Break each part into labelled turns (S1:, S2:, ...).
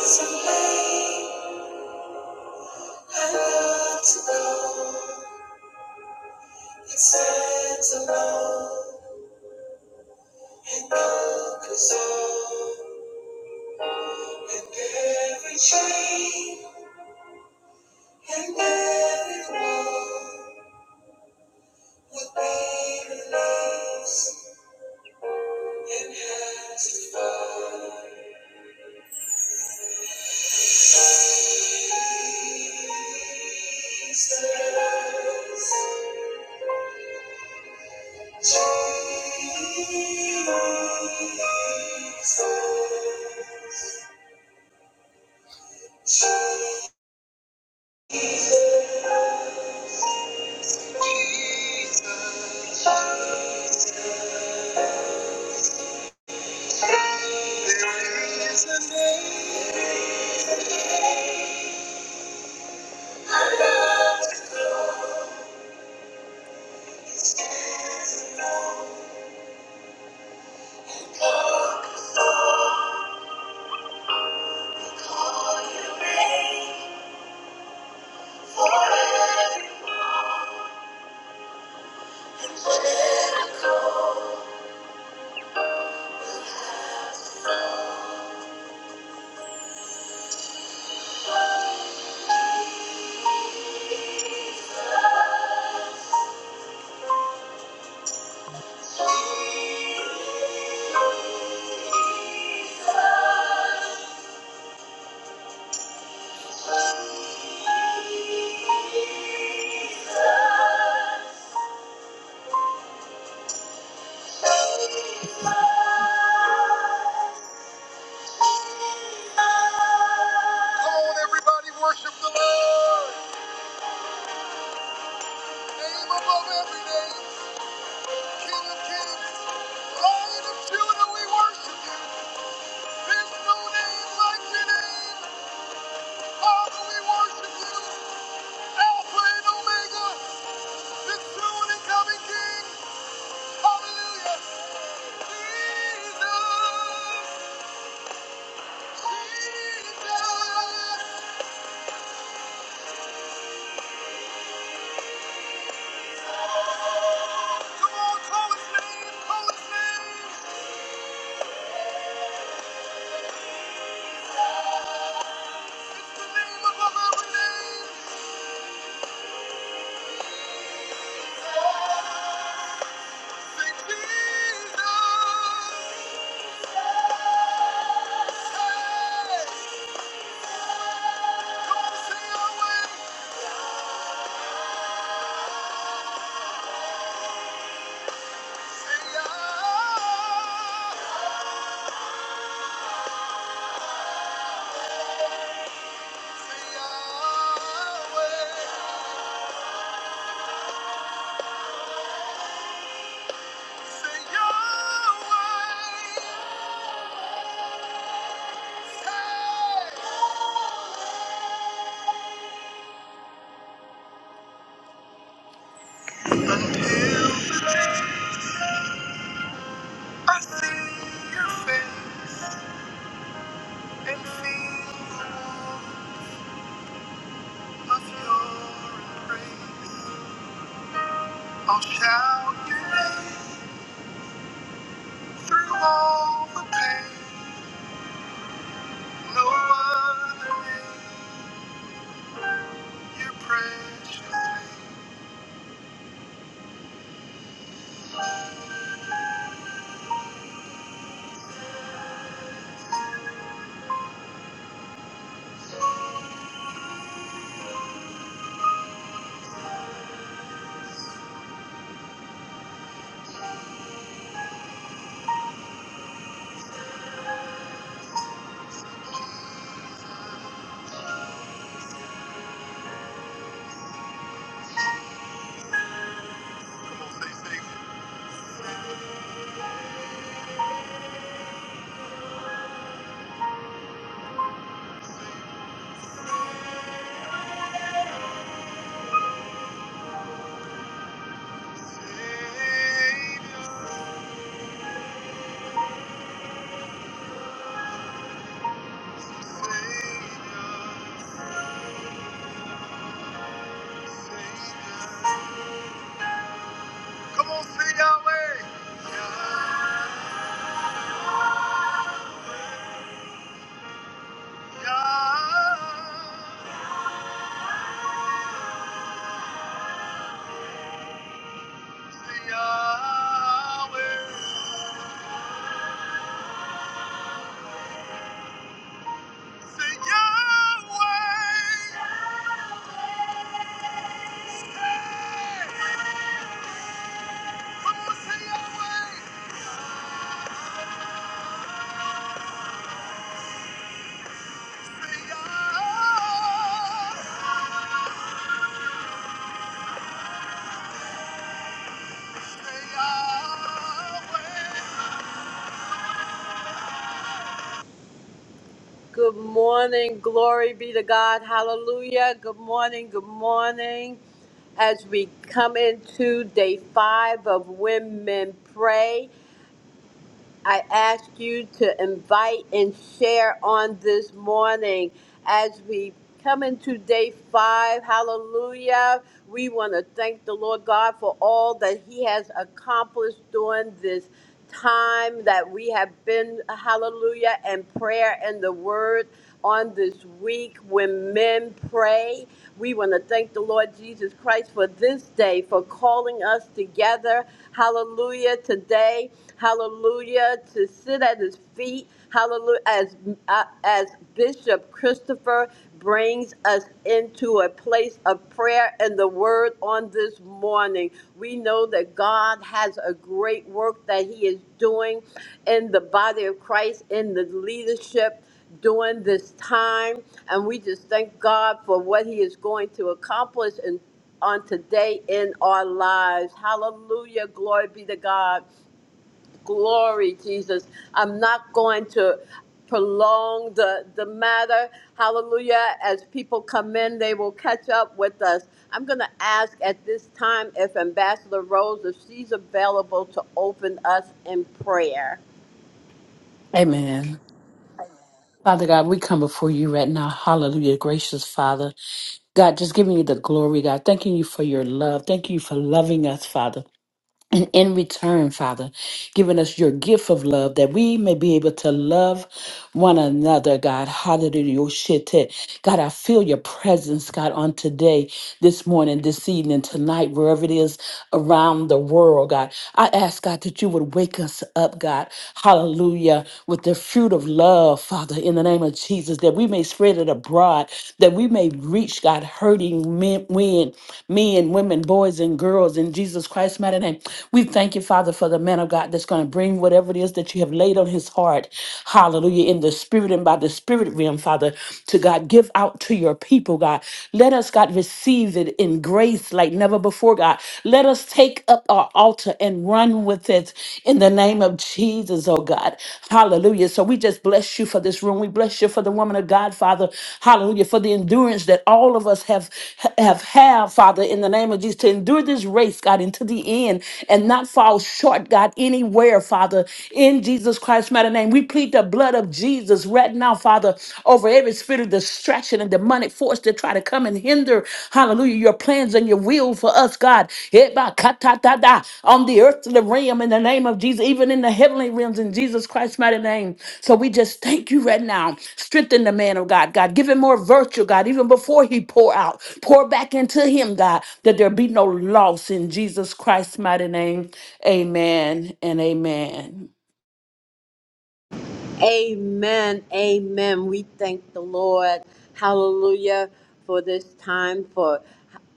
S1: Someday I love to go. It stands alone in all And every chain and every road would be released and had to fall. Jesus, Jesus. There's no name like your name. Father, we worship you. Alpha and Omega, the true coming King. Hallelujah. Jesus, Jesus. Come on, call his name, call his name, the name above every name. Say Jesus. Hey, come say Yahweh, say say Yahweh, say Yahweh. Until I see your face and feel of your embrace, I'll shout your name through all the pain. No other name, your precious name. Come on, say Savior. Savior, Savior, Savior. Come on, say Yahweh. Yah, Yah, say Yahweh. Say Yahweh. Come on, say Yahweh. Say Yah, say Yahweh. Good morning. Glory be to God. Hallelujah. Good morning. Good morning as we come into day five of Women Pray. I ask you to invite and share on this morning as we come into day five. Hallelujah. We want to thank the Lord God for all that He has accomplished during this time that we have been, hallelujah, and prayer and the word on this week when men pray. We want to thank the Lord Jesus Christ for this day, for calling us together. Hallelujah. Today, hallelujah, to sit at his feet. Hallelujah. As, uh, as Bishop Christopher brings us into a place of prayer and the word on this morning. We know that God has a great work that He is doing in the body of Christ, in the leadership during this time. And we just thank God for what He is going to accomplish in, on today in our lives. Hallelujah. Glory be to God. Glory, Jesus. I'm not going to prolong the, the matter. Hallelujah. As people come in, they will catch up with us. I'm going to ask at this time if Ambassador Rose, if she's available to open us in prayer.
S2: Amen. Father God, we come before you right now. Hallelujah, gracious Father. God, just giving you the glory, God. Thanking you for your love. Thank you for loving us, Father. And in return, Father, giving us your gift of love that we may be able to love one another, God. Hallelujah. Oh, shit, eh. God, I feel your presence, God, on today, this morning, this evening, tonight, wherever it is around the world, God. I ask, God, that you would wake us up, God. Hallelujah. With the fruit of love, Father, in the name of Jesus, that we may spread it abroad, that we may reach, God, hurting men, men, men, women, boys, and girls in Jesus Christ's mighty name. We thank you, Father, for the man of God that's going to bring whatever it is that you have laid on his heart. Hallelujah. In the spirit and by the spirit realm, Father, to God, give out to your people, God. Let us, God, receive it in grace like never before, God. Let us take up our altar and run with it in the name of name of Jesus, oh God. Hallelujah. So we just bless you for this room. We bless you for the woman of God, Father. Hallelujah. For the endurance that all of us have have had, Father, in the name of Jesus, to endure this race, God, into the end and not fall short, God, anywhere, Father. In Jesus Christ's mighty name, we plead the blood of Jesus right now, Father, over every spirit of distraction and demonic force that try to come and hinder, hallelujah, your plans and your will for us, God. Eba katatata, On the earthly realm, in the name of Jesus, even in the heavenly realms, in Jesus Christ's mighty name. So we just thank you right now. Strengthen the man of God, God. Give him more virtue, God, even before he pour out. Pour back into him, God, that there be no loss in Jesus Christ's mighty name. Amen and amen.
S1: Amen. Amen. We thank the Lord. Hallelujah for this time, for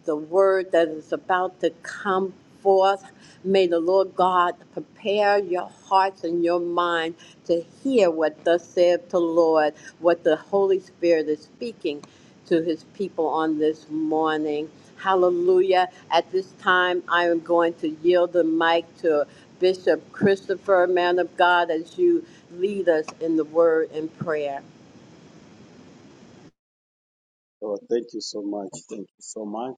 S1: the word that is about to come forth. May the Lord God prepare your hearts and your mind to hear what thus saith the Lord, what the Holy Spirit is speaking to his people on this morning. Hallelujah. At this time, I am going to yield the mic to Bishop Christopher, man of God, as you lead us in the word and prayer.
S3: Oh, thank you so much. Thank you so much.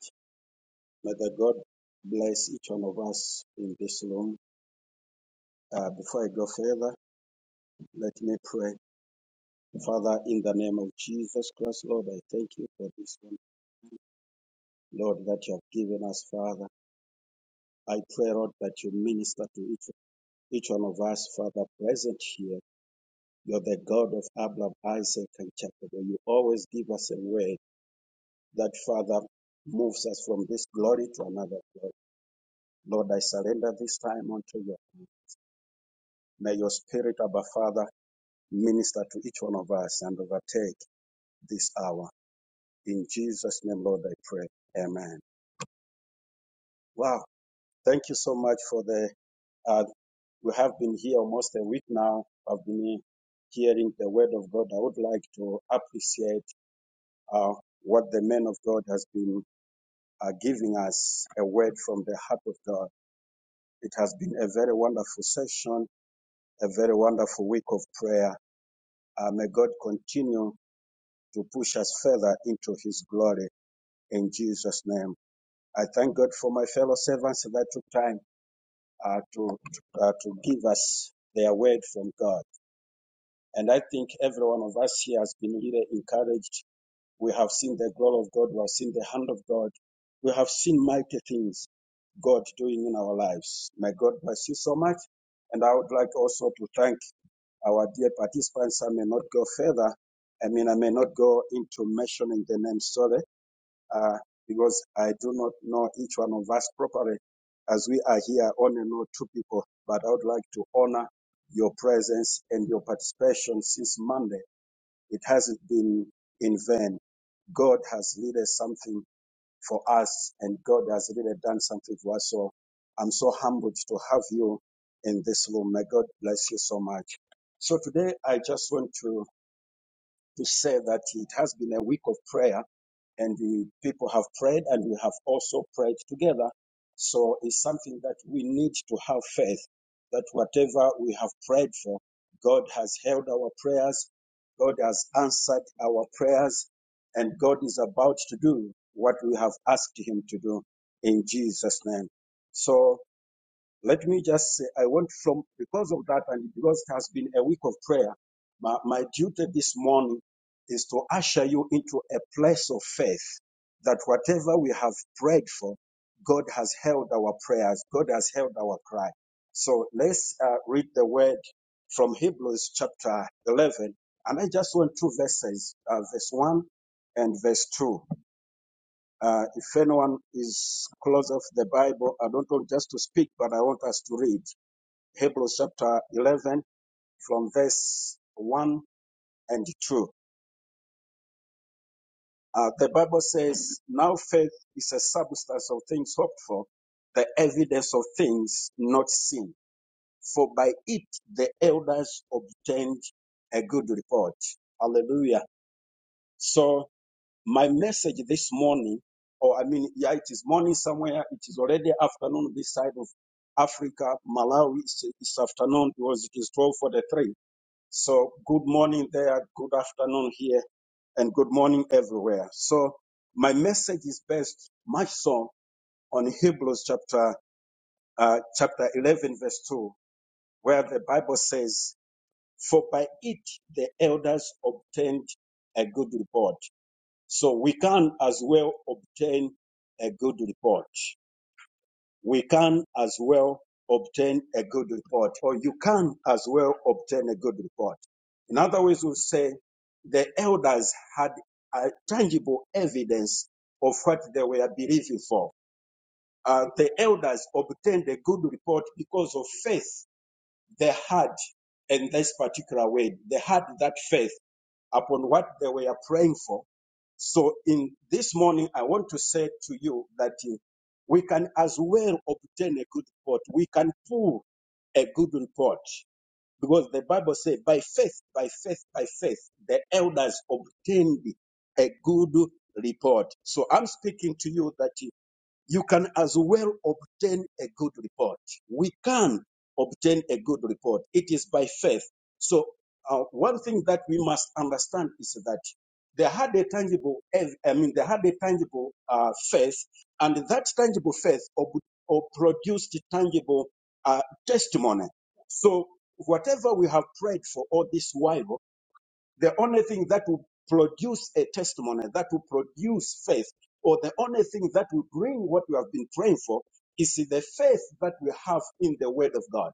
S3: May the God bless each one of us in this room. Uh, before I go further, let me pray. Father, in the name of Jesus Christ, Lord, I thank you for this one, Lord, that you have given us, Father. I pray, Lord, that you minister to each, each one of us, Father, present here. You're the God of Abraham, Isaac, and Jacob. You always give us a way that, Father, moves us from this glory to another glory. Lord, I surrender this time unto you. May your spirit, Abba Father, minister to each one of us and overtake this hour. In Jesus' name, Lord, I pray. Amen. Wow. Thank you so much for the, uh, we have been here almost a week now. I've been hearing the word of God. I would like to appreciate uh, what the man of God has been uh, giving us a word from the heart of God. It has been a very wonderful session, a very wonderful week of prayer. Uh, may God continue to push us further into His glory. In Jesus' name, I thank God for my fellow servants that took time uh, to uh, to give us their word from God. And I think every one of us here has been really encouraged. We have seen the glory of God. We have seen the hand of God. We have seen mighty things God doing in our lives. May God bless you so much. And I would like also to thank our dear participants. I may not go further. I mean, I may not go into mentioning the name, sorry. uh, because I do not know each one of us properly as we are here, only know two people, but I would like to honor your presence and your participation since Monday. It hasn't been in vain. God has really something for us and God has really done something for us. So I'm so humbled to have you in this room. May God bless you so much. So today I just want to to say that it has been a week of prayer and the people have prayed and we have also prayed together. So it's something that we need to have faith that whatever we have prayed for, God has held our prayers, God has answered our prayers, and God is about to do what we have asked Him to do in Jesus' name. So let me just say, I want from, because of that, and because it has been a week of prayer, my, my duty this morning is to usher you into a place of faith that whatever we have prayed for, God has held our prayers, God has held our cry. So let's uh, read the word from Hebrews chapter 11. And I just want two verses, uh, verse 1 and verse 2. Uh, if anyone is close of the Bible, I don't want just to speak, but I want us to read. Hebrews chapter 11 from verse 1 and 2. Uh, the Bible says, Now faith is a substance of things hoped for, the evidence of things not seen. For by it the elders obtained a good report. Hallelujah. So, my message this morning, or I mean, yeah, it is morning somewhere, it is already afternoon this side of Africa, Malawi, it's, it's afternoon because it is 12:43. So good morning there, good afternoon here, and good morning everywhere. So my message is based much so on Hebrews chapter uh, chapter 11 verse 2, where the Bible says, "For by it the elders obtained a good report." So we can as well obtain a good report we can as well obtain a good report, or you can as well obtain a good report. In other words, we say the elders had a tangible evidence of what they were believing for. Uh, the elders obtained a good report because of faith they had in this particular way. They had that faith upon what they were praying for. So in this morning, I want to say to you that eh, we can as well obtain a good report. We can pull a good report because the Bible says, by faith, by faith, by faith, the elders obtained a good report. So I'm speaking to you that uh, you can as well obtain a good report. We can obtain a good report. It is by faith. So, uh, one thing that we must understand is that they had a tangible, ev- I mean, they had a tangible uh, faith, and that tangible faith ob- or produced tangible uh, testimony. So, whatever we have prayed for all this while, the only thing that will produce a testimony, that will produce faith, or the only thing that will bring what we have been praying for is the faith that we have in the Word of God.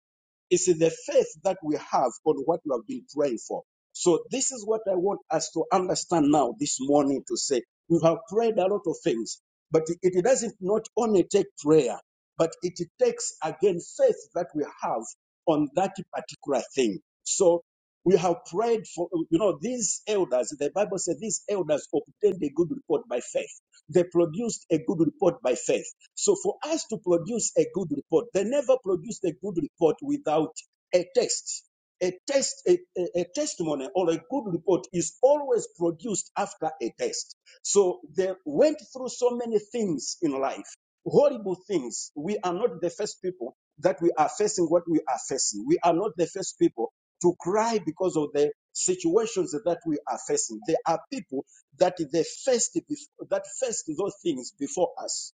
S3: It's the faith that we have on what we have been praying for. So this is what I want us to understand now this morning to say. We have prayed a lot of things, but it doesn't not only take prayer, but it takes again faith that we have on that particular thing. So we have prayed for, you know, these elders, the Bible says these elders obtained a good report by faith. They produced a good report by faith. So for us to produce a good report, they never produced a good report without a test. A test, a, a a testimony or a good report is always produced after a test. So they went through so many things in life, horrible things. We are not the first people that we are facing what we are facing. We are not the first people to cry because of the situations that we are facing. There are people that they faced bef- that faced those things before us.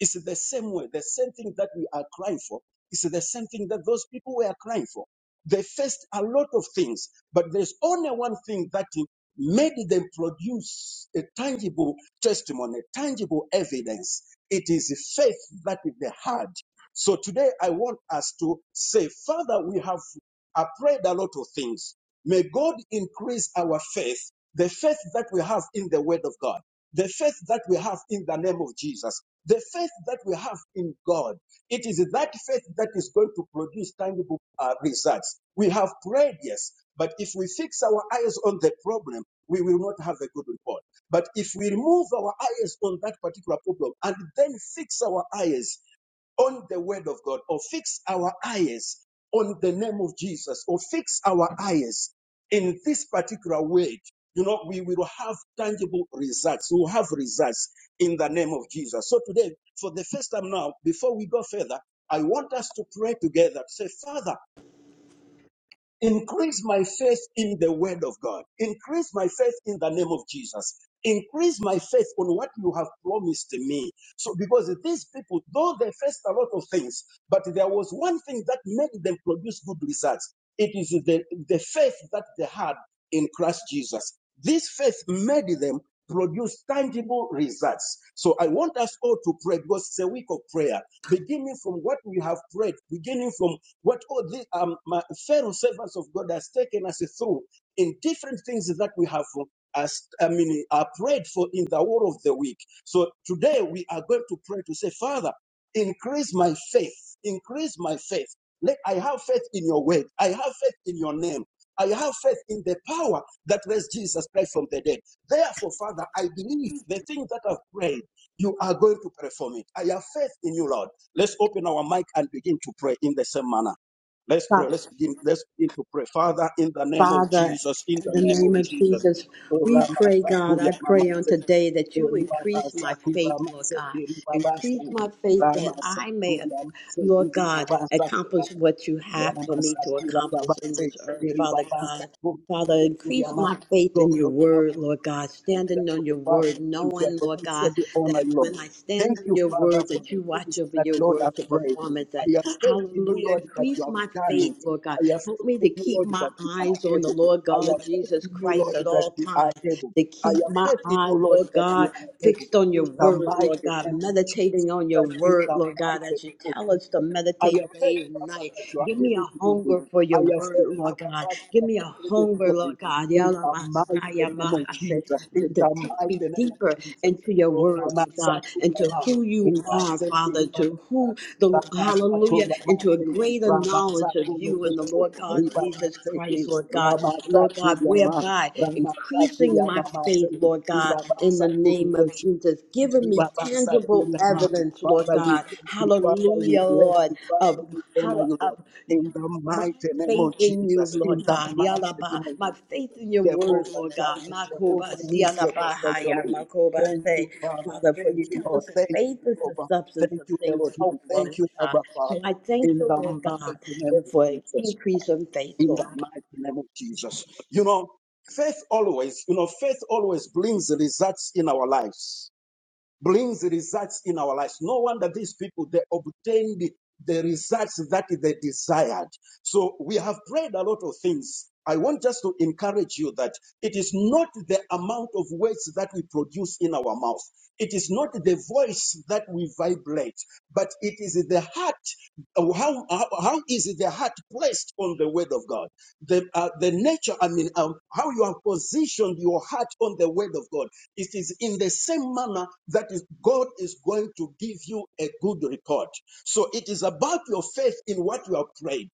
S3: It's the same way, the same thing that we are crying for. It's the same thing that those people were crying for. They faced a lot of things, but there's only one thing that made them produce a tangible testimony, tangible evidence. It is faith that they had. So today I want us to say, Father, we have I prayed a lot of things. May God increase our faith, the faith that we have in the Word of God, the faith that we have in the name of Jesus, the faith that we have in God. It is that faith that is going to produce tangible uh, results. We have prayed, yes, but if we fix our eyes on the problem, we will not have a good report. But if we remove our eyes on that particular problem and then fix our eyes on the word of God or fix our eyes on the name of Jesus or fix our eyes in this particular word, you know, we will have tangible results. We will have results in the name of Jesus. So today, for the first time now, before we go further, I want us to pray together to say, Father, Increase my faith in the word of God. Increase my faith in the name of Jesus. Increase my faith on what you have promised me. So, because these people, though they faced a lot of things, but there was one thing that made them produce good results. It is the, the faith that they had in Christ Jesus. This faith made them produce tangible results. So I want us all to pray because it's a week of prayer, beginning from what we have prayed, beginning from what all the um, my fellow servants of God has taken us through in different things that we have, as I mean, uh, prayed for in the word of the week. So today we are going to pray to say, Father, increase my faith, increase my faith. Let I have faith in your word. I have faith in your name. I have faith in the power that raised Jesus Christ from the dead. Therefore, Father, I believe the things that I've prayed, you are going to perform it. I have faith in you, Lord. Let's open our mic and begin to pray in the same manner. Let's pray. Let's begin. Let's begin to pray. Father, in the name of
S1: Father,
S3: Jesus, in
S1: in
S3: the
S1: the
S3: name of
S1: name of
S3: Jesus.
S1: Jesus,
S3: Oh,
S1: we
S3: Rama
S1: pray, God, I pray on today that you increase my faith, Lord God. Increase my faith that I may, Lord God, accomplish what you have
S3: Rama
S1: for me to
S3: Sakura
S1: accomplish in
S3: Babase,
S1: this earth, Father
S3: Deribabasa,
S1: God. Father, increase
S3: Kuriama,
S1: my faith in
S3: God
S1: your
S3: of
S1: word, Lord God,
S3: Abraham,
S1: standing on
S3: the
S1: your
S3: Father,
S1: word,
S3: thank you. I
S1: knowing, Lord God,
S3: volunteer the honor,
S1: that
S3: Lord.
S1: when I stand
S3: Thank
S1: in
S3: you,
S1: your
S3: Father,
S1: word,
S3: for
S1: that
S3: the
S1: you watch
S3: things
S1: over
S3: that,
S1: your
S3: Lord,
S1: word
S3: I've
S1: to
S3: prayed.
S1: perform it.
S3: I
S1: That
S3: have faith in you,
S1: hallelujah.
S3: Lord, that you
S1: Increase
S3: have
S1: my
S3: done it.
S1: faith, Lord God.
S3: I have
S1: Help me
S3: faith
S1: to
S3: in you,
S1: keep
S3: Lord,
S1: my
S3: that you are
S1: eyes on the
S3: able.
S1: Lord
S3: I
S1: God
S3: have faith
S1: Jesus
S3: in you,
S1: Christ
S3: Lord,
S1: at
S3: that
S1: all
S3: you
S1: times
S3: are able.
S1: to
S3: I
S1: keep
S3: have
S1: my
S3: faith in you,
S1: eyes,
S3: Lord,
S1: Lord
S3: that you
S1: God,
S3: are able.
S1: fixed on your
S3: In
S1: word,
S3: the
S1: Lord
S3: mighty
S1: God,
S3: name of Jesus.
S1: meditating on your
S3: That in
S1: word,
S3: the
S1: Lord
S3: mighty
S1: God,
S3: name
S1: as you
S3: of
S1: tell us
S3: Jesus.
S1: to
S3: I have
S1: meditate
S3: faith,
S1: day and
S3: Father,
S1: night.
S3: that you are
S1: Give me
S3: able
S1: a
S3: to do it.
S1: hunger for
S3: I
S1: your
S3: have
S1: word,
S3: faith,
S1: Lord
S3: Abba,
S1: God.
S3: Father,
S1: Give
S3: that
S1: me
S3: you
S1: a
S3: are able to do
S1: hunger,
S3: it.
S1: Lord God,
S3: In the mighty
S1: Yalabasaya
S3: name of
S1: Mahase,
S3: Jesus. In
S1: to to
S3: the
S1: take me
S3: mighty name of
S1: deeper
S3: Jesus.
S1: into your
S3: O
S1: word,
S3: Rama
S1: Lord God, into
S3: Sakuyama.
S1: who you you
S3: Riba
S1: are,
S3: Seki
S1: Father,
S3: Riba
S1: to
S3: Rama.
S1: whom the
S3: Rama
S1: hallelujah,
S3: Sakuyama
S1: into a
S3: Se.
S1: greater
S3: Rama
S1: knowledge of you and the
S3: Sakuyama.
S1: Lord God
S3: Riba
S1: Jesus Christ,
S3: Seki.
S1: Lord God,
S3: Rama
S1: Lord God,
S3: Sakuyama.
S1: whereby
S3: Rama
S1: increasing my
S3: Sakuyama Se.
S1: faith, Lord God,
S3: Riba
S1: in the name of
S3: Sakuyama.
S1: Jesus, giving me
S3: Riba
S1: tangible
S3: Sakuyama.
S1: evidence, Lord
S3: Father, we
S1: God,
S3: thank you. Father, we
S1: hallelujah,
S3: bless
S1: Lord,
S3: you.
S1: of,
S3: Father, we honor
S1: hall-
S3: you,
S1: of
S3: Lord. In the
S1: my
S3: mighty name of
S1: faith in you,
S3: Jesus. In
S1: Lord
S3: the
S1: God.
S3: mighty
S1: Yalaba.
S3: name of
S1: My
S3: Jesus.
S1: faith in your word,
S3: Jehovah
S1: Lord God.
S3: Jireh,
S1: Makoba
S3: Jehovah Nis,
S1: siyalaba
S3: Jehovah
S1: haya,
S3: Shalom.
S1: makoba
S3: Thank you,
S1: se.
S3: Father.
S1: Father, for
S3: Thank
S1: you
S3: you,
S1: tell
S3: Lord.
S1: us that
S3: Thank you,
S1: faith is the
S3: Jehovah.
S1: substance
S3: Thank
S1: of
S3: you,
S1: things
S3: Elohim.
S1: hoped for,
S3: Thank
S1: Lord
S3: you, Abba,
S1: God.
S3: Father.
S1: So I thank
S3: In
S1: you,
S3: the
S1: Lord
S3: mighty
S1: God,
S3: name
S1: that
S3: of
S1: for an
S3: Jesus.
S1: increase in faith,
S3: In the
S1: Lord.
S3: mighty name of Jesus. You know, faith always, you know, faith always brings results in our lives brings results in our lives. No wonder these people they obtained the results that they desired. So we have prayed a lot of things. I want just to encourage you that it is not the amount of words that we produce in our mouth. It is not the voice that we vibrate, but it is the heart. How, how, how is the heart placed on the word of God? the uh, the nature i mean um, how you have positioned your heart on the word of god it is in the same manner that is god is going to give you a good record so it is about your faith in what you have prayed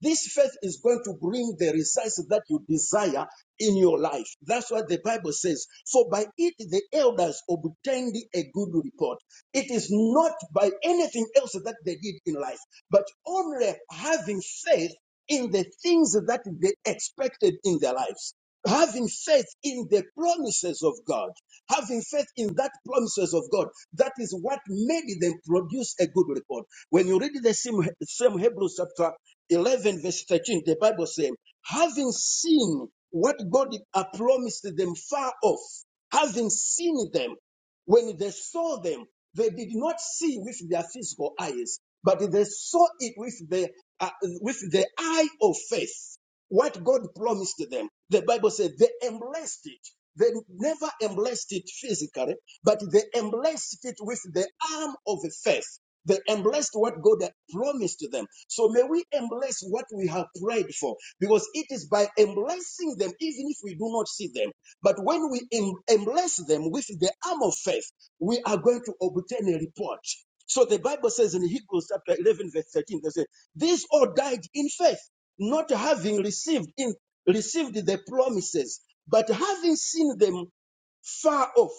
S3: this faith is going to bring the results that you desire in your life. That's what the Bible says. For by it the elders obtained a good report. It is not by anything else that they did in life, but only having faith in the things that they expected in their lives. Having faith in the promises of God, having faith in that promises of God, that is what made them produce a good report. When you read the same, same Hebrews chapter 11, verse 13, the Bible says, having seen what God had promised them far off, having seen them. When they saw them, they did not see with their physical eyes, but they saw it with the, uh, with the eye of faith. What God promised to them, the Bible said they embraced it. They never embraced it physically, but they embraced it with the arm of faith. They embraced what God had promised to them. So may we embrace what we have prayed for, because it is by embracing them, even if we do not see them, but when we em- embrace them with the arm of faith, we are going to obtain a report. So the Bible says in Hebrews chapter 11, verse 13, they say, These all died in faith, not having received in received the promises, but having seen them far off,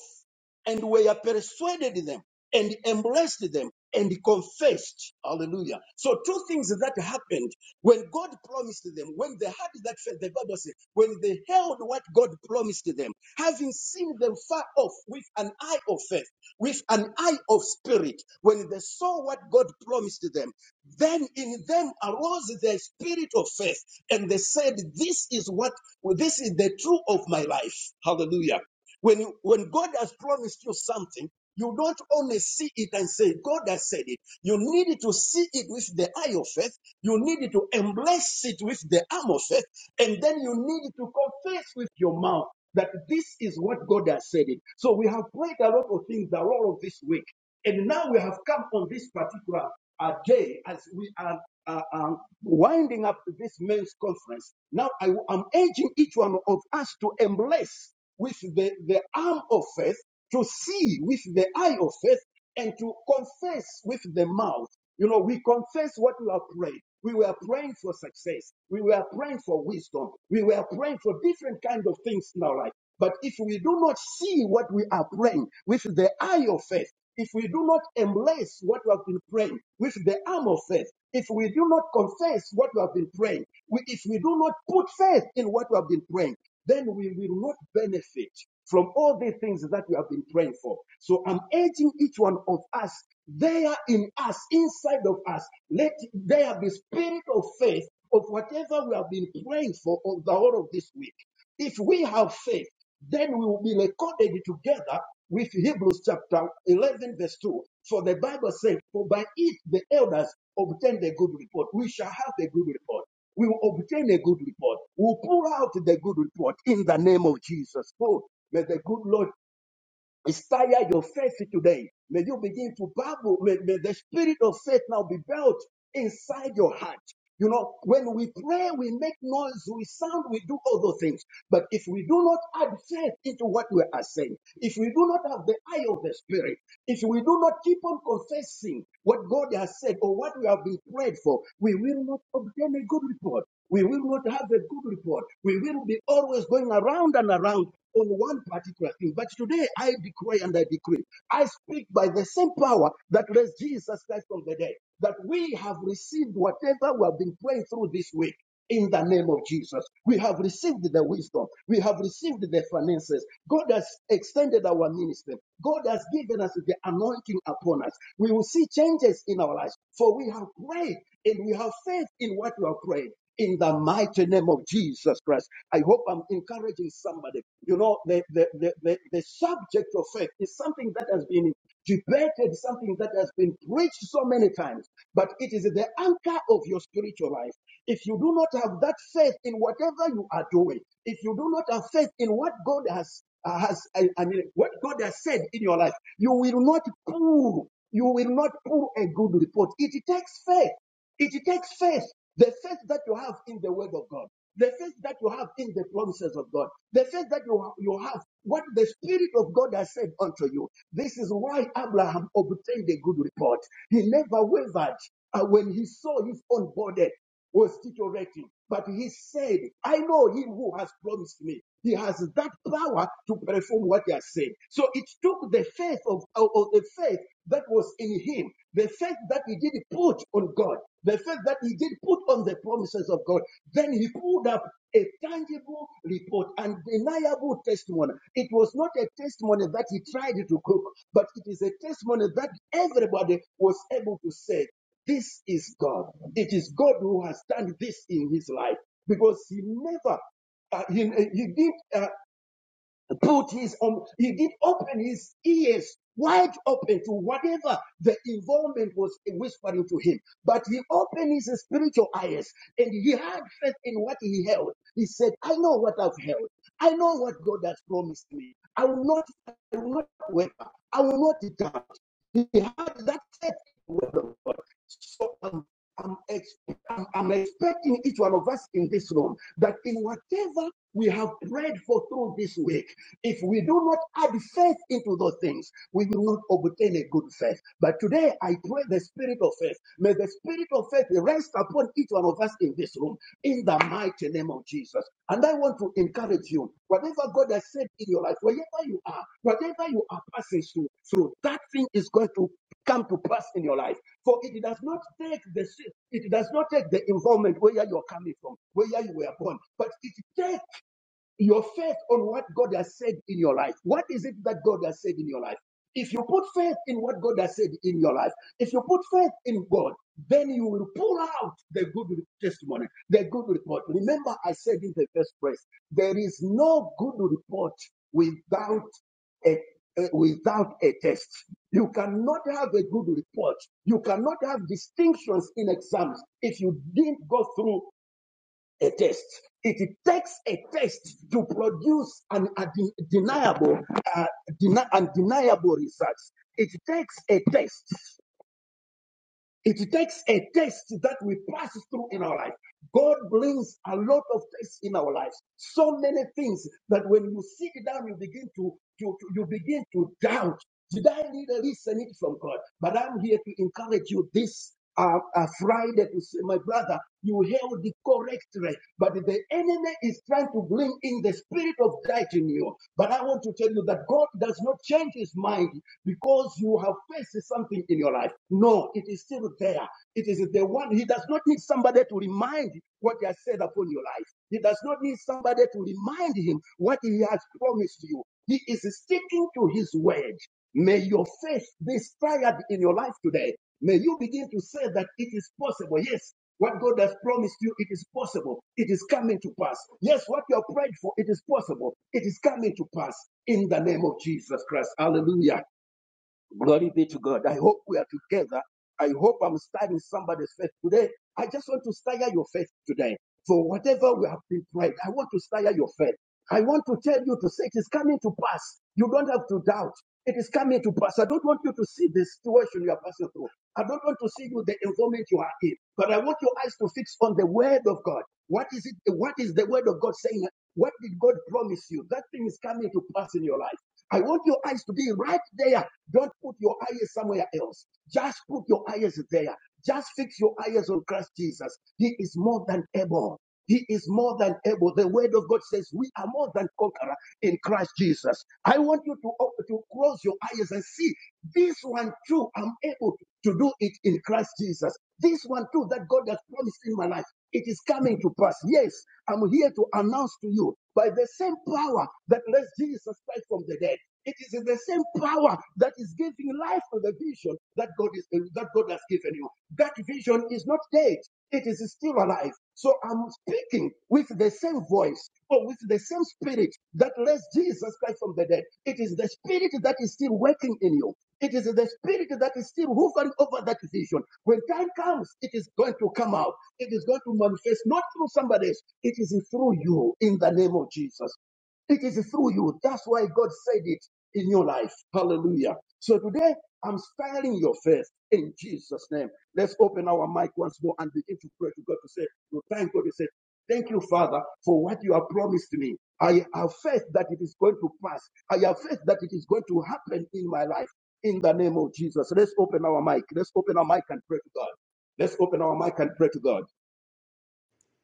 S3: and were persuaded them, and embraced them, and confessed. Hallelujah. So, two things that happened when God promised them, when they had that faith, the Bible says, when they held what God promised them, having seen them far off with an eye of faith, with an eye of spirit, when they saw what God promised them, then in them arose the spirit of faith, and they said, This is what, this is the true of my life. Hallelujah. When you, when God has promised you something, you don't only see it and say, God has said it. You need to see it with the eye of faith. You need to embrace it with the arm of faith. And then you need to confess with your mouth that this is what God has said it. So we have prayed a lot of things the whole of this week. And now we have come on this particular our day as we are uh, um, winding up this men's conference. Now, I, am urging each one of us to embrace with the, the arm of faith, to see with the eye of faith, and to confess with the mouth. You know, we confess what we have prayed. We were praying for success. We were praying for wisdom. We were praying for different kind of things in our life. But if we do not see what we are praying with the eye of faith, if we do not embrace what we have been praying with the arm of faith, if we do not confess what we have been praying, we, if we do not put faith in what we have been praying, then we will not benefit from all the things that we have been praying for. So I'm urging each one of us, there in us, inside of us, let there be spirit of faith of whatever we have been praying for on the whole of this week. If we have faith, then we will be recorded together with Hebrews chapter 11, verse 2. For the Bible says, For by it the elders obtained a good report. We shall have a good report. We will obtain a good report. We'll pour out the good report in the name of Jesus. So May the good Lord inspire your faith today. May you begin to babble. May, may the spirit of faith now be built inside your heart. You know, when we pray, we make noise, we sound, we do all those things. But if we do not add faith into what we are saying, if we do not have the eye of the spirit, if we do not keep on confessing what God has said or what we have been prayed for, we will not obtain a good report. We will not have a good report. We will be always going around and around on one particular thing. But today I decree and I decree. I speak by the same power that raised Jesus Christ from the dead, that we have received whatever we have been praying through this week in the name of Jesus. We have received the wisdom. We have received the finances. God has extended our ministry. God has given us the anointing upon us. We will see changes in our lives, for we have prayed and we have faith in what we have prayed. In the mighty name of Jesus Christ, I hope I'm encouraging somebody. You know, the, the, the, the, the subject of faith is something that has been debated, something that has been preached so many times, but it is the anchor of your spiritual life. If you do not have that faith in whatever you are doing, if you do not have faith in what God has, uh, has I, I mean, what God has said in your life, you will not pull, you will not pull a good report. It takes faith. It takes faith. The faith that you have in the word of God, the faith that you have in the promises of God, the faith that you, ha- you have what the Spirit of God has said unto you. This is why Abraham obtained a good report. He never wavered uh, when he saw his own body was deteriorating. But he said, I know him who has promised me. He has that power to perform what he has said. So it took the faith of, of the faith that was in him, the faith that he did put on God, the faith that he did put on the promises of God. Then he pulled up a tangible report, undeniable testimony. It was not a testimony that he tried to cook, but it is a testimony that everybody was able to say. This is God. It is God who has done this in his life because he never, uh, he, he did uh, put his, um, he did open his ears wide open to whatever the involvement was whispering to him. But he opened his spiritual eyes and he had faith in what he held. He said, I know what I've held. I know what God has promised me. I will not, I will not waver. I will not doubt. He had that faith. with God. So I'm, I'm, ex- I'm, I'm expecting each one of us in this room that in whatever we have prayed for through this week, if we do not add faith into those things, we will not obtain a good faith. But today I pray the spirit of faith. May the spirit of faith rest upon each one of us in this room in the mighty name of Jesus. And I want to encourage you, whatever God has said in your life, wherever you are, whatever you are passing through, through that thing is going to come to pass in your life. For it does not take the si- it does not take the involvement where you are coming from, where you were born, but it takes your faith on what God has said in your life. What is it that God has said in your life? If you put faith in what God has said in your life, if you put faith in God, then you will pull out the good testimony, the good report. Remember, I said in the first verse, there is no good report without a uh, without a test. You cannot have a good report. You cannot have distinctions in exams if you didn't go through a test. It takes a test to produce an undeniable, uh, deni- undeniable results. It takes a test. It takes a test that we pass through in our life. God brings a lot of tests in our lives. So many things that when you sit down, you begin to, to, to- you begin to doubt. Did I need a listening from God? But I'm here to encourage you this uh, uh, Friday to say, my brother, you held it correctly, but the enemy is trying to bring in the spirit of doubt in you. But I want to tell you that God does not change his mind because you have faced something in your life. No, it is still there. It is the one. He does not need somebody to remind what he has said upon your life. He does not need somebody to remind him what he has promised you. He is sticking to his word. May your faith be inspired in your life today. May you begin to say that it is possible. Yes, what God has promised you, it is possible. It is coming to pass. Yes, what you have prayed for, it is possible. It is coming to pass in the name of Jesus Christ. Hallelujah. Glory be to God. I hope we are together. I hope I'm stirring somebody's faith today. I just want to stir your faith today. For whatever we have been praying, I want to stir your faith. I want to tell you to say it is coming to pass. You don't have to doubt. It is coming to pass. I don't want you to see the situation you are passing through. I don't want to see you the environment you are in. But I want your eyes to fix on the word of God. What is it? What is the word of God saying? What did God promise you? That thing is coming to pass in your life. I want your eyes to be right there. Don't put your eyes somewhere else. Just put your eyes there. Just fix your eyes on Christ Jesus. He is more than able. He is more than able. The word of God says we are more than conquerors in Christ Jesus. I want you to, oh, to close your eyes and see this one too. I'm able to do it in Christ Jesus. This one too that God has promised in my life. It is coming to pass. Yes, I'm here to announce to you by the same power that raised Jesus Christ from the dead. It is the same power that is giving life to the vision that God is that God has given you. That vision is not dead; it is still alive. So I'm speaking with the same voice or with the same spirit that raised Jesus Christ from the dead. It is the spirit that is still working in you. It is the spirit that is still hovering over that vision. When time comes, it is going to come out. It is going to manifest not through somebody else. It is through you in the name of Jesus. It is through you. That's why God said it in your life. Hallelujah. So today, I'm styling your faith in Jesus' name. Let's open our mic once more and begin to pray to God to say, to thank God to say, Thank you, Father, for what you have promised me. I have faith that it is going to pass. I have faith that it is going to happen in my life. In the name of Jesus. Let's open our mic. Let's open our mic and pray to God. Let's open our mic and pray to God.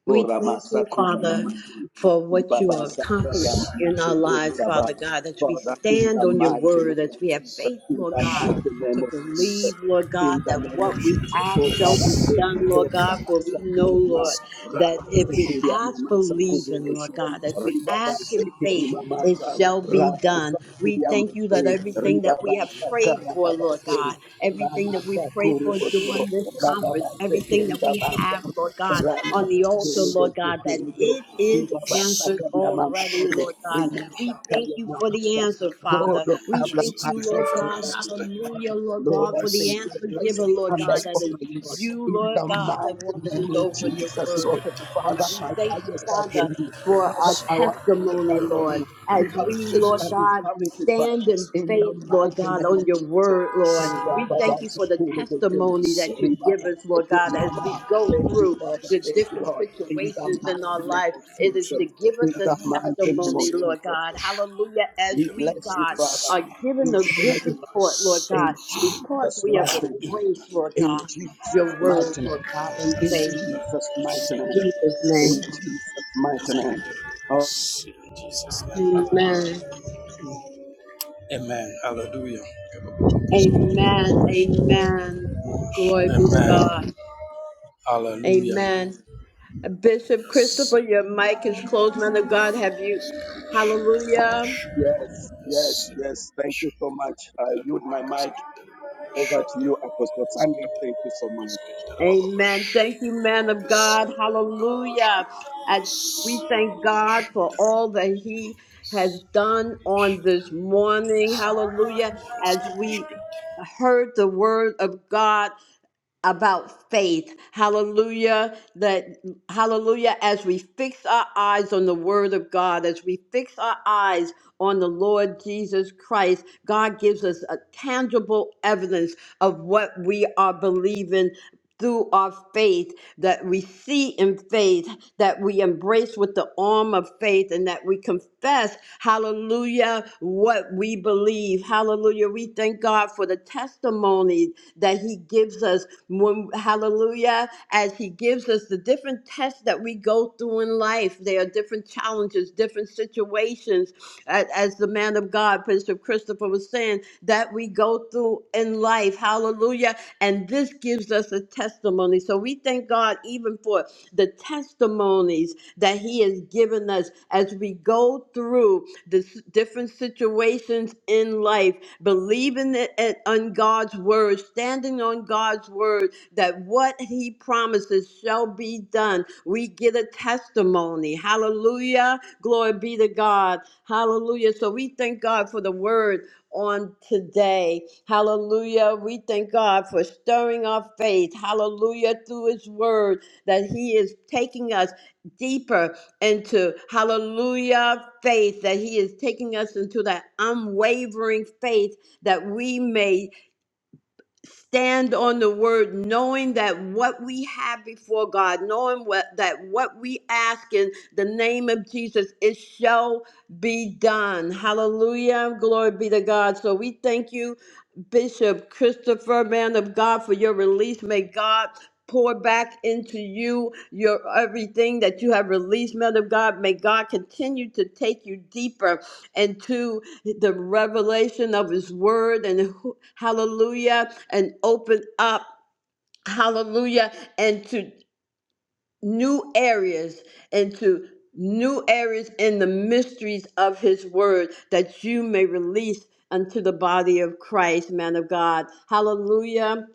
S1: We thank
S3: Oramasa
S1: you, Father,
S3: kuyamamasi.
S1: for what you
S3: Baba
S1: are accomplishing in
S3: sakayamamasi
S1: our
S3: deri
S1: lives,
S3: baba.
S1: Father God, as we
S3: Father, in the
S1: stand on your
S3: mighty
S1: word,
S3: name
S1: as
S3: of
S1: we have
S3: Jesus,
S1: faith,
S3: in
S1: Lord
S3: the
S1: God,
S3: mighty name
S1: to
S3: of Jesus,
S1: believe, Lord
S3: in
S1: God,
S3: the
S1: that
S3: name of
S1: what we
S3: Jesus, oh
S1: ask shall be
S3: Rabase,
S1: done, Lord
S3: Devi
S1: God,
S3: Baba
S1: for we know,
S3: Sakuyama,
S1: Lord, that
S3: Rabase
S1: if we ask
S3: Kuyama
S1: believing,
S3: Sakuyama,
S1: Lord God, that we
S3: Ribaba
S1: ask in
S3: Sekiri
S1: faith, it
S3: Mamata,
S1: shall be done.
S3: Rabasa
S1: We
S3: Kuyama,
S1: thank you that everything that we
S3: Ribaba
S1: have prayed for, Lord
S3: Sakarabase,
S1: God, everything that we
S3: Ramasa
S1: prayed for
S3: Kurubosho,
S1: during this conference,
S3: Rababa
S1: everything
S3: Sekiri
S1: that we have,
S3: Babasa,
S1: Lord God, on
S3: Ramas
S1: the altar, Lord God, that it is answered already, Lord God. We thank you for the
S4: Thank
S1: answer,
S4: you In
S3: God
S4: the
S1: Father.
S3: of
S4: name of
S1: We
S3: Abraham,
S1: thank
S4: Jesus,
S1: you,
S4: thank you
S3: Isaac,
S1: Lord
S4: for
S3: and
S1: God,
S4: answers.
S3: Jacob, oh
S4: Thank you for
S3: Father,
S1: hallelujah, Lord
S3: Lord,
S1: God,
S3: I
S1: for the
S3: thank
S4: mercy.
S3: you, I
S4: Be
S1: answer
S4: the
S3: bless
S4: name
S1: giver,
S3: you,
S4: of
S1: Lord
S3: and I
S1: God, that
S4: Jesus.
S1: is
S4: It
S3: honor you, Lord,
S4: is
S1: you,
S3: in
S1: Lord
S3: the
S1: God, that
S3: mighty name
S1: watches
S3: of
S1: over your
S3: Jesus,
S1: word
S3: Lord.
S1: to perform it.
S3: Father,
S1: We
S3: my
S1: thank you,
S3: eyes are for
S1: Father,
S3: you.
S1: for
S3: Father,
S1: our
S3: our eyes
S4: thank
S1: testimony,
S3: are
S4: you,
S3: for
S4: Lord.
S1: Lord,
S3: you.
S1: as
S3: You
S4: Thank you,
S3: have
S4: Lord
S1: we,
S3: said it
S1: Lord
S4: Jesus.
S3: and it's
S1: God,
S3: coming
S4: Thank
S3: to
S4: you for
S3: pass
S1: stand in
S4: mercy.
S3: in the
S1: faith, Lord
S3: mighty
S1: God,
S3: name
S1: on
S3: of
S1: your
S3: Jesus.
S1: word, Lord.
S3: Oh,
S1: We
S3: Rabba,
S1: thank you
S3: Basa,
S1: for the
S3: Kuru, Bete,
S1: testimony that you
S3: Riba,
S1: give us,
S3: Basa,
S1: Lord
S3: Kuru,
S1: God,
S4: Thank
S1: as
S3: Mama.
S1: we go
S3: Thank
S4: you.
S3: you,
S1: through
S3: Father.
S1: the
S4: Jesus,
S3: Thank you,
S4: thank
S1: different
S3: Lord in
S4: you.
S3: the
S1: situations in our
S3: mighty name
S1: life.
S3: of
S1: It is
S4: So,
S3: Jesus.
S1: to
S4: in
S1: give
S3: In
S1: us a
S3: the
S4: the name
S3: mighty name of
S1: testimony,
S4: Jesus,
S1: Lord
S3: Jesus.
S1: God. Hallelujah. As
S3: We
S1: we,
S3: bless you,
S1: God,
S3: Father.
S1: are given
S3: We
S1: a
S3: honor
S1: good
S3: you
S1: report, Lord
S3: in
S1: God, because
S3: Jesus'
S1: we have
S3: mighty name.
S1: embraced, Lord
S3: In
S1: God, your
S3: Jesus' mighty
S1: word, Lord
S3: name.
S1: God, in
S3: In
S1: faith.
S3: Jesus' mighty
S1: In
S3: name.
S1: Jesus' name.
S3: In Jesus' mighty name. Oh,
S4: Jesus' name, hallelujah.
S1: Amen.
S4: Amen, hallelujah.
S1: Amen. Amen. Glory be to
S4: Amen,
S1: God.
S4: hallelujah.
S1: Amen. Bishop Christopher, your mic is closed, man of God. Have you? Hallelujah.
S3: yes, yes, yes. Thank you so much. I yield my mic over to you, Apostle Sandra. Thank you so much.
S1: Amen. Thank you, man of God. Hallelujah. As we thank God for all that He has done on this morning. Hallelujah. As we heard the word of God. about faith. Hallelujah. That hallelujah as we fix our eyes on the word of God, as we fix our eyes on the Lord Jesus Christ, God gives us a tangible evidence of what we are believing through our faith that we see in faith that we embrace with the arm of faith and that we confess hallelujah what we believe hallelujah we thank god for the testimony that he gives us when hallelujah as he gives us the different tests that we go through in life there are different challenges different situations challenges, a- as the man of God, Bishop Christopher, was saying, that we go through in life. Hallelujah. And this gives us a testimony. So we thank God even for the testimonies that He has given us as we go through the s- different situations in life, believing it it- on God's word, standing on God's word that what He promises shall be done. We get a testimony. Hallelujah. Glory be to God. Hallelujah. So we thank God for the word on today. Hallelujah. We thank God for stirring our faith. Hallelujah. Through his word that he is taking us deeper into hallelujah faith that he is taking us into that unwavering faith that we may stand on the word, knowing that what we have before God, knowing what, that what we ask in the name of Jesus, it shall be done. Hallelujah. Glory be to God. So we thank you, Bishop Christopher, man of God, for your release. May God pour back into you your everything that you have released man of god may god continue to take you deeper into the revelation of his word and hallelujah, and open up, hallelujah, and to new areas, into new areas in the mysteries of his word that you may release unto the body of Christ, man of God. Hallelujah.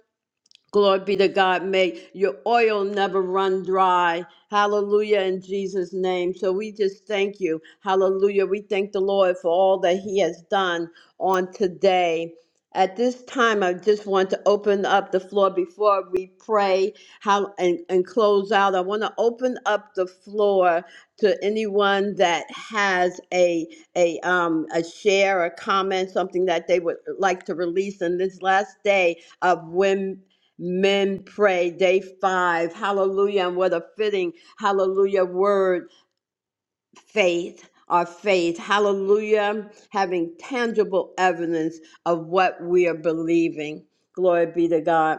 S1: Glory be to God. May your oil never run dry. Hallelujah in Jesus' name. So we just thank you. Hallelujah. We thank the Lord for all that He has done on today. At this time, I just want to open up the floor before we pray how, and, and close out. I want to open up the floor to anyone that has a a um a share, a comment, something that they would like to release in this last day of women Men pray day five. Hallelujah. And what a fitting, hallelujah, word faith, our faith. Hallelujah. Having tangible evidence of what we are believing. Glory be to God.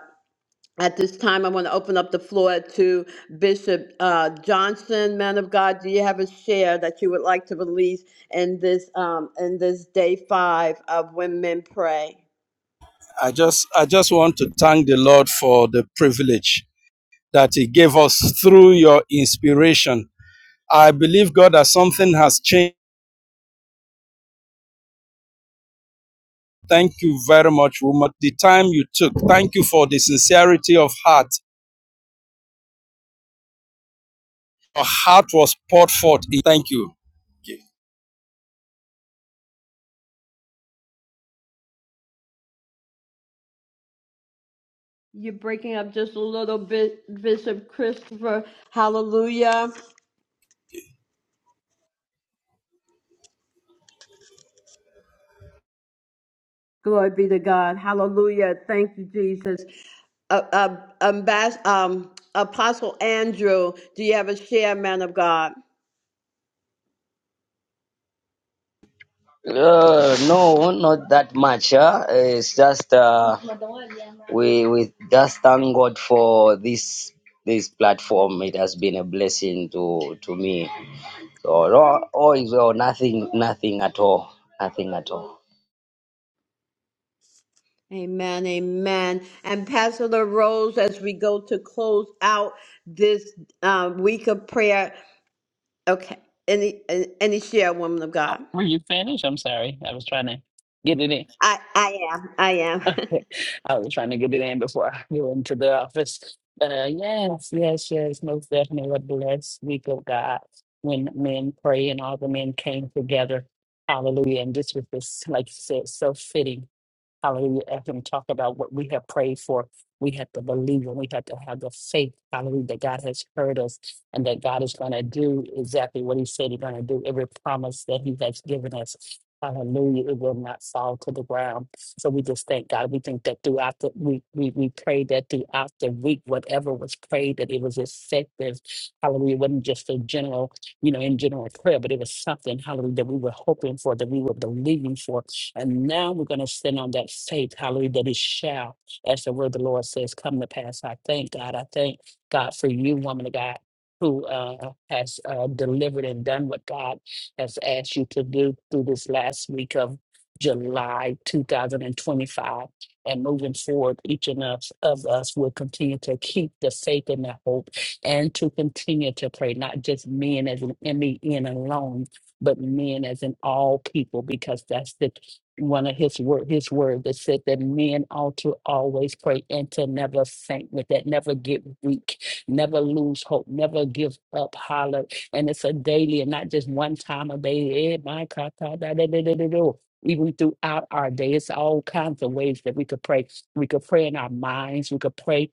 S1: At this time, I want to open up the floor to Bishop uh, Johnson, man of God. Do you have a share that you would like to release in this um, in this day five of when men pray?
S4: I just I just want to thank the Lord for the privilege that He gave us through your inspiration. I believe God that something has changed. Thank you very much, woman. The time you took. Thank you for the sincerity of heart. Your heart was poured forth. Thank you. Jesus
S1: You're breaking up just a little bit, Bishop Christopher. Hallelujah. Glory be to God. Hallelujah. Thank you, Jesus. Uh, uh, ambas- um, Apostle Andrew, do you have a share, man of God?
S5: Uh, no, not that much. Huh? It's just uh, we we just thank God for this this platform. It has been a blessing to to me. So no, all is well. Nothing, nothing at all. Nothing at all.
S1: Amen, amen. And Pastor Rose, as we go to close out this uh, week of prayer, okay, any any any share, woman of
S2: Oh,
S1: God?
S2: were you finished? I'm sorry. I was trying to get it in.
S1: I I am, I am.
S2: Okay, I was trying to get it in before I go into the office. Uh, yes, yes, yes, most definitely a blessed week of God when men pray and all the men came together. Hallelujah. And this was this, like you said, so fitting Hallelujah. As we talk about what we have prayed for, we have to believe and we have to have the faith, hallelujah, that God has heard us and that God is going to do exactly what He said He's going to do. Every promise that He has given us, hallelujah, it will not fall to the ground. So we just thank God. We think that throughout the week, we, we prayed that throughout the week, whatever was prayed, that it was effective. Hallelujah. It wasn't just a general you know, in general prayer, but it was something, hallelujah, that we were hoping for, that we were believing for. And now we're going to stand on that faith, hallelujah, that it shall, as the word of the Lord says, come to pass. I thank God. I thank God for you, woman of God, who uh, has uh, delivered and done what God has asked you to do through this last week of July 2025 and twenty-five. And moving forward, each and us of us will continue to keep the faith and the hope and to continue to pray, not just men as an M-E-N alone, but men as in all people, because that's the one of his word, his word that said that men ought to always pray and to never faint with that, never get weak, never lose hope, never give up, holler. And it's a daily and not just one time a day. Eh, my God, God, da, da, da, da, da, da. Even throughout our day, it's all kinds of ways that we could pray. We could pray in our minds. We could pray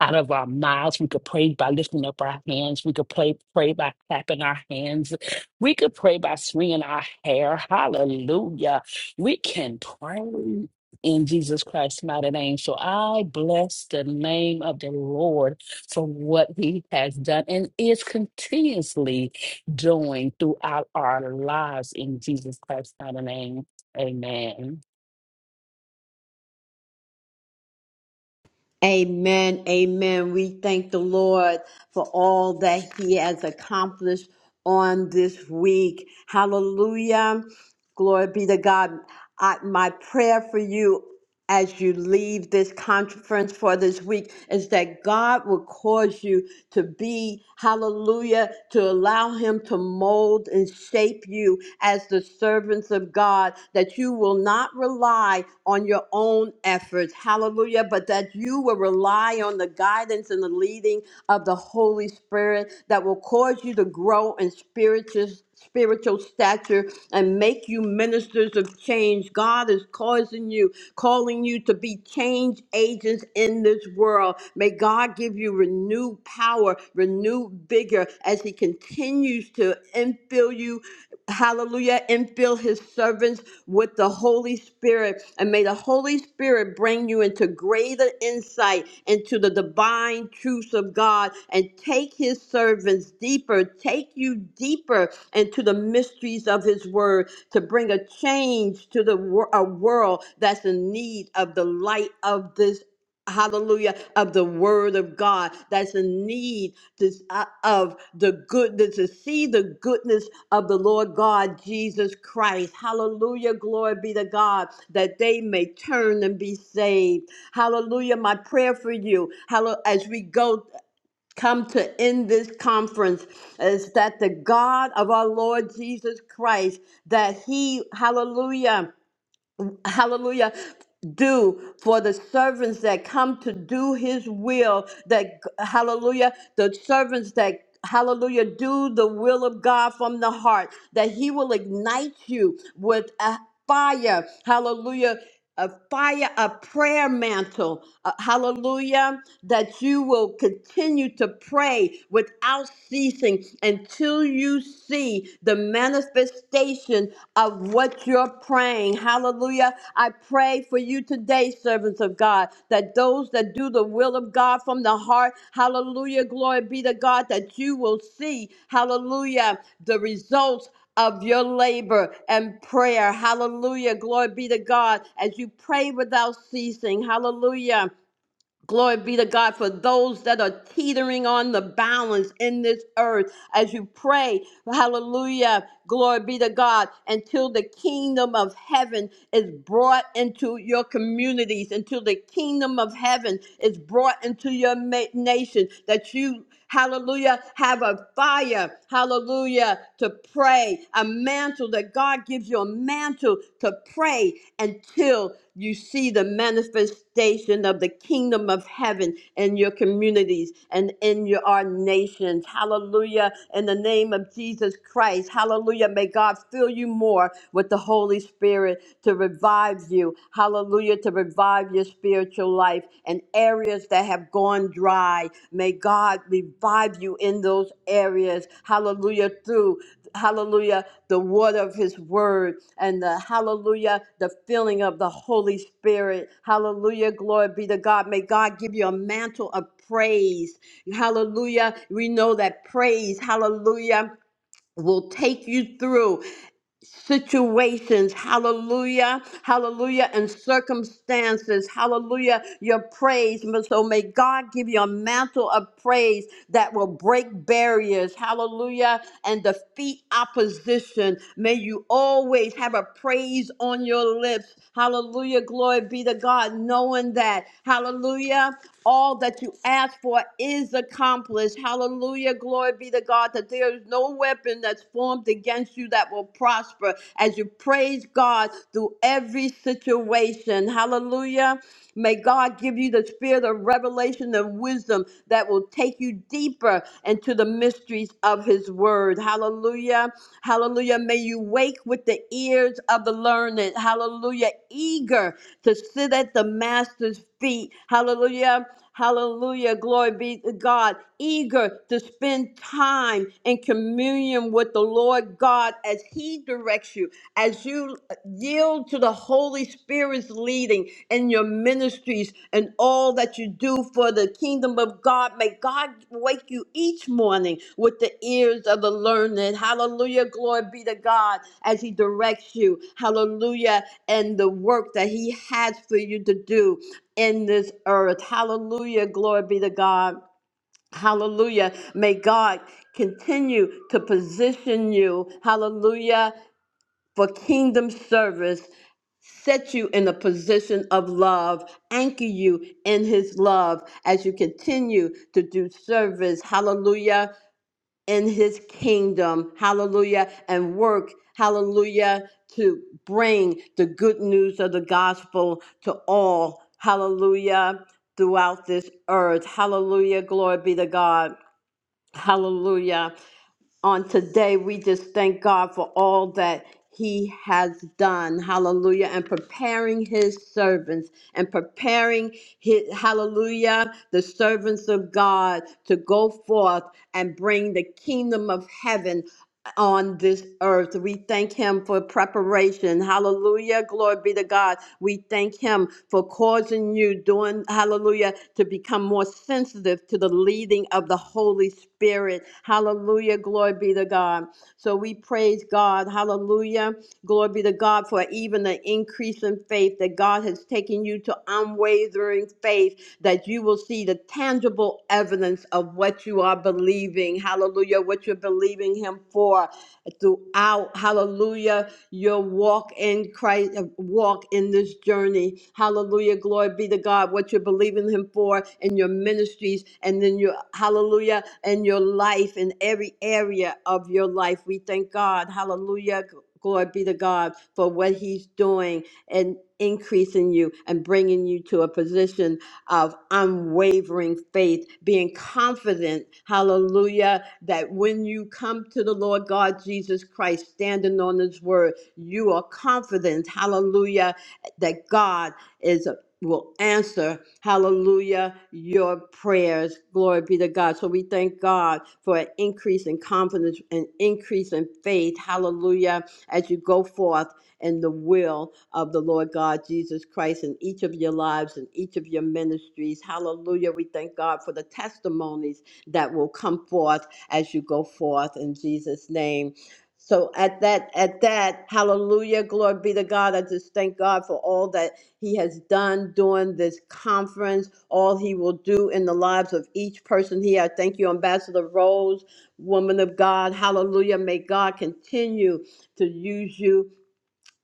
S2: out of our mouths. We could pray by lifting up our hands. We could pray, pray by clapping our hands. We could pray by swinging our hair. Hallelujah. We can pray in Jesus Christ's mighty name. So I bless the name of the Lord for what he has done and is continuously doing throughout our lives in Jesus Christ's mighty name. Amen.
S1: Amen. Amen. We thank the Lord for all that He has accomplished on this week. Hallelujah. Glory be to God. I, my prayer for you as you leave this conference for this week is that God will cause you to be, hallelujah, to allow Him to mold and shape you as the servants of God, that you will not rely on your own efforts, hallelujah, but that you will rely on the guidance and the leading of the Holy Spirit that will cause you to grow in spiritual spiritual stature and make you ministers of change. God is causing you, calling you to be change agents in this world. May God give you renewed power, renewed vigor as He continues to infill you, hallelujah, infill His servants with the the Holy Spirit, and may the Holy Spirit bring you into greater insight into the divine truths of God and take his servants deeper, take you deeper into the mysteries of his word to bring a change to the wor- a world that's in need of the light of this hallelujah, of the word of God. That's a need to, uh, of the goodness, to see the goodness of the Lord God Jesus Christ. Hallelujah, glory be to God, that they may turn and be saved. Hallelujah, my prayer for you, hallelujah, as we go come to end this conference is that the God of our Lord Jesus Christ, that He, hallelujah, hallelujah, do for the servants that come to do his will, that, hallelujah, the servants that Hallelujah. Do the will of God from the heart that He will ignite you with a fire. Hallelujah. A fire, a prayer mantle. Uh, hallelujah. That you will continue to pray without ceasing until you see the manifestation of what you're praying. Hallelujah. I pray for you today, servants of God, that those that do the will of God from the heart, hallelujah, glory be to God, that you will see, hallelujah, the results of your labor and prayer. Hallelujah. Glory be to God as you pray without ceasing. Hallelujah. Glory be to God for those that are teetering on the balance in this earth as you pray. Hallelujah. Glory be to God until the kingdom of heaven is brought into your communities, until the kingdom of heaven is brought into your ma- nation, that you, hallelujah, have a fire, hallelujah, to pray, a mantle that God gives you a mantle to pray until you see the manifestation of the kingdom of heaven in your communities and in your, our nations. Hallelujah. In the name of Jesus Christ. Hallelujah. May God fill you more with the Holy Spirit to revive you. Hallelujah. To revive your spiritual life and areas that have gone dry. May God revive you in those areas. Hallelujah. Through hallelujah, the water of his word and the hallelujah, the filling of the Holy Spirit. Hallelujah, glory be to God. May God give you a mantle of praise. Hallelujah. We know that praise, hallelujah. Will take you through situations, hallelujah, hallelujah, and circumstances, hallelujah, your praise. So may God give you a mantle of praise that will break barriers, hallelujah, and defeat opposition. May you always have a praise on your lips lips. Hallelujah. Glory be to God, knowing that. Hallelujah. All that you ask for is accomplished. Hallelujah. Glory be to God that there is no weapon that's formed against you that will prosper as you praise God through every situation. Hallelujah. May God give you the spirit of revelation and wisdom that will take you deeper into the mysteries of His word. Hallelujah. Hallelujah. May you wake with the ears of the learned. Hallelujah. Eager to sit at the master's feet. Hallelujah. Hallelujah. Glory be to God. Eager to spend time in communion with the Lord God as He directs you, as you Yield to the Holy Spirit's leading in your ministries and all that you do for the kingdom of God. May God wake you each morning with the ears of the learned. Hallelujah. Glory be to God as He directs you. Hallelujah. And the work that He has for you to do in this earth. Hallelujah. Glory be to God. Hallelujah. May God continue to position you. Hallelujah for kingdom service set you in a position of love, anchor you in his love as you continue to do service, hallelujah, in his kingdom, hallelujah, and work, hallelujah, to bring the good news of the gospel to all, hallelujah, throughout this earth, hallelujah, glory be to God. Hallelujah on today, we just thank God for all that He has done. Hallelujah. And preparing His servants and preparing His, hallelujah, the servants of God to go forth and bring the kingdom of heaven on this earth. We thank him for preparation. Hallelujah. Glory be to God. We thank him for causing you doing hallelujah to become more sensitive to the leading of the Holy Spirit. Hallelujah. Glory be to God. So we praise God. Hallelujah. Glory be to God for even the increase in faith that God has taken you to unwavering faith that you will see the tangible evidence of what you are believing. Hallelujah. What you're believing Him for throughout hallelujah your walk in christ uh, walk in this journey hallelujah glory be to god what you're believing him for in your ministries and then your hallelujah and your life in every area of your life we thank god hallelujah g- glory be to god for what he's doing and increasing you and bringing you to a position of unwavering faith, being confident, hallelujah, that when you come to the Lord God Jesus Christ, standing on his word, you are confident, hallelujah, that God is a will answer hallelujah your prayers glory be to god so we thank god for an increase in confidence and increase in faith hallelujah as you go forth and the will of the Lord God Jesus Christ in each of your lives and each of your ministries. Hallelujah. We thank God for the testimonies that will come forth as you go forth in Jesus' name. So at that, at that, hallelujah, glory be to God. I just thank God for all that He has done during this conference, all He will do in the lives of each person here. I thank you, Ambassador Rose, woman of God. Hallelujah. May God continue to use you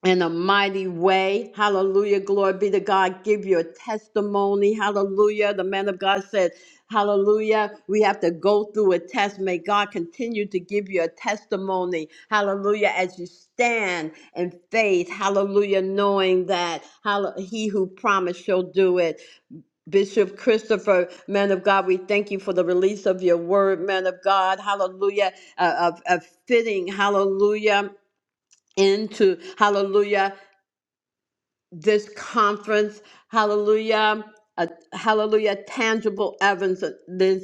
S1: in a mighty way. Hallelujah. Glory be to God. Give your testimony. Hallelujah. The man of God said, Hallelujah. We have to go through a test. May God continue to give you a testimony. Hallelujah. As you stand in faith. Hallelujah. Knowing that hall- he who promised shall do it. Bishop Christopher, man of God, we thank you for the release of your word, man of God. Hallelujah. Uh, of, of fitting. Hallelujah into hallelujah this conference, hallelujah, a, hallelujah, tangible evidence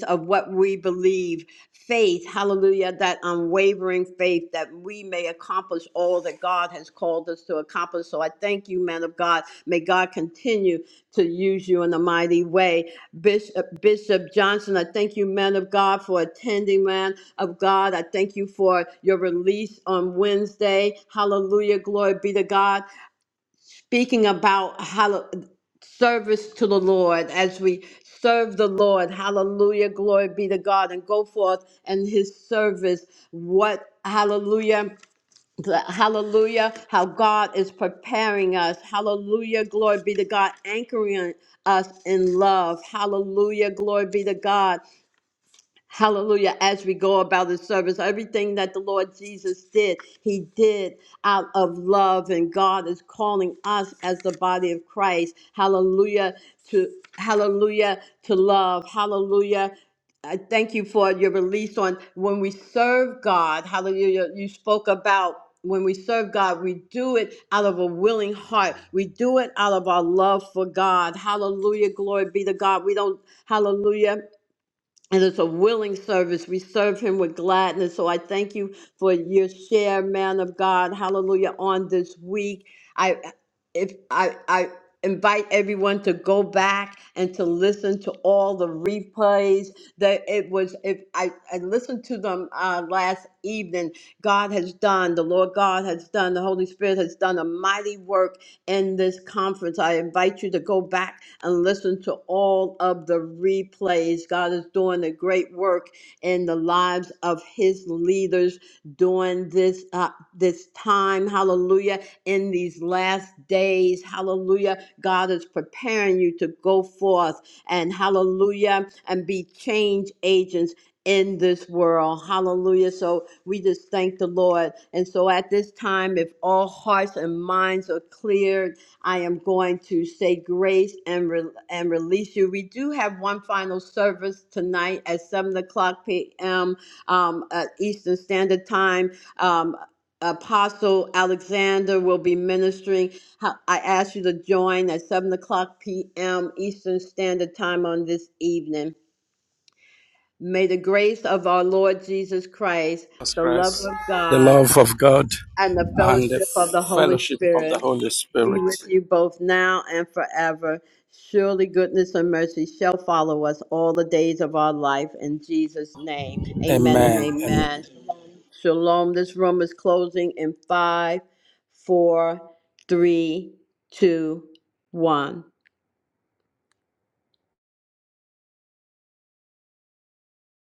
S1: of what we believe, faith, hallelujah, that unwavering faith that we may accomplish all that God has called us to accomplish. So I thank you, man of God. May God continue to use you in a mighty way. Bishop, Bishop Johnson, I thank you, man of God, for attending, man of God. I thank you for your release on Wednesday. Hallelujah, glory be to God speaking about hallo- service to the Lord as we serve the Lord. Hallelujah. Glory be to God. And go forth and his service. What hallelujah. the- Hallelujah. How God is preparing us. Hallelujah. Glory be to God. Anchoring us in love. Hallelujah. Glory be to God. Hallelujah. As we go about the service, everything that the Lord Jesus did, he did out of love, and God is calling us as the body of Christ. Hallelujah to hallelujah to love. Hallelujah. I thank you for your release on when we serve God. Hallelujah. You spoke about when we serve God, we do it out of a willing heart. We do it out of our love for God. Hallelujah. Glory be to God. We don't, hallelujah and it's a willing service. We serve him with gladness. So I thank you for your share, man of God. Hallelujah. On this week, I if I I invite everyone to go back and to listen to all the replays that it was if I, I listened to them uh, last evening god has done the lord god has done the holy spirit has done a mighty work in this conference i invite you to go back and listen to all of the replays. God is doing a great work in the lives of his leaders during this uh, this time. Hallelujah. In these last days. Hallelujah. God is preparing you to go forth and hallelujah and be change agents in this world. Hallelujah. So we just thank the Lord. And so at this time, if all hearts and minds are clear, I am going to say grace and re- and release you. We do have one final service tonight at seven o'clock p.m. Um, uh, Eastern Standard Time. Um, Apostle Alexander will be ministering. Ho- I ask you to join at seven o'clock p.m. Eastern Standard Time on this evening. May the grace of our Lord Jesus Christ, the love
S4: Christ,
S1: of
S4: the
S1: God,
S4: love of God,
S1: and the
S4: and the
S1: fellowship of the Holy
S4: fellowship of
S1: Spirit
S4: the Holy
S1: be
S4: Spirit.
S1: with you both now and forever. Surely goodness and mercy shall follow us all the days of our life in Jesus' name. Amen and
S4: Amen. Amen.
S1: amen. Shalom. This room is closing in five, four, three, two, one.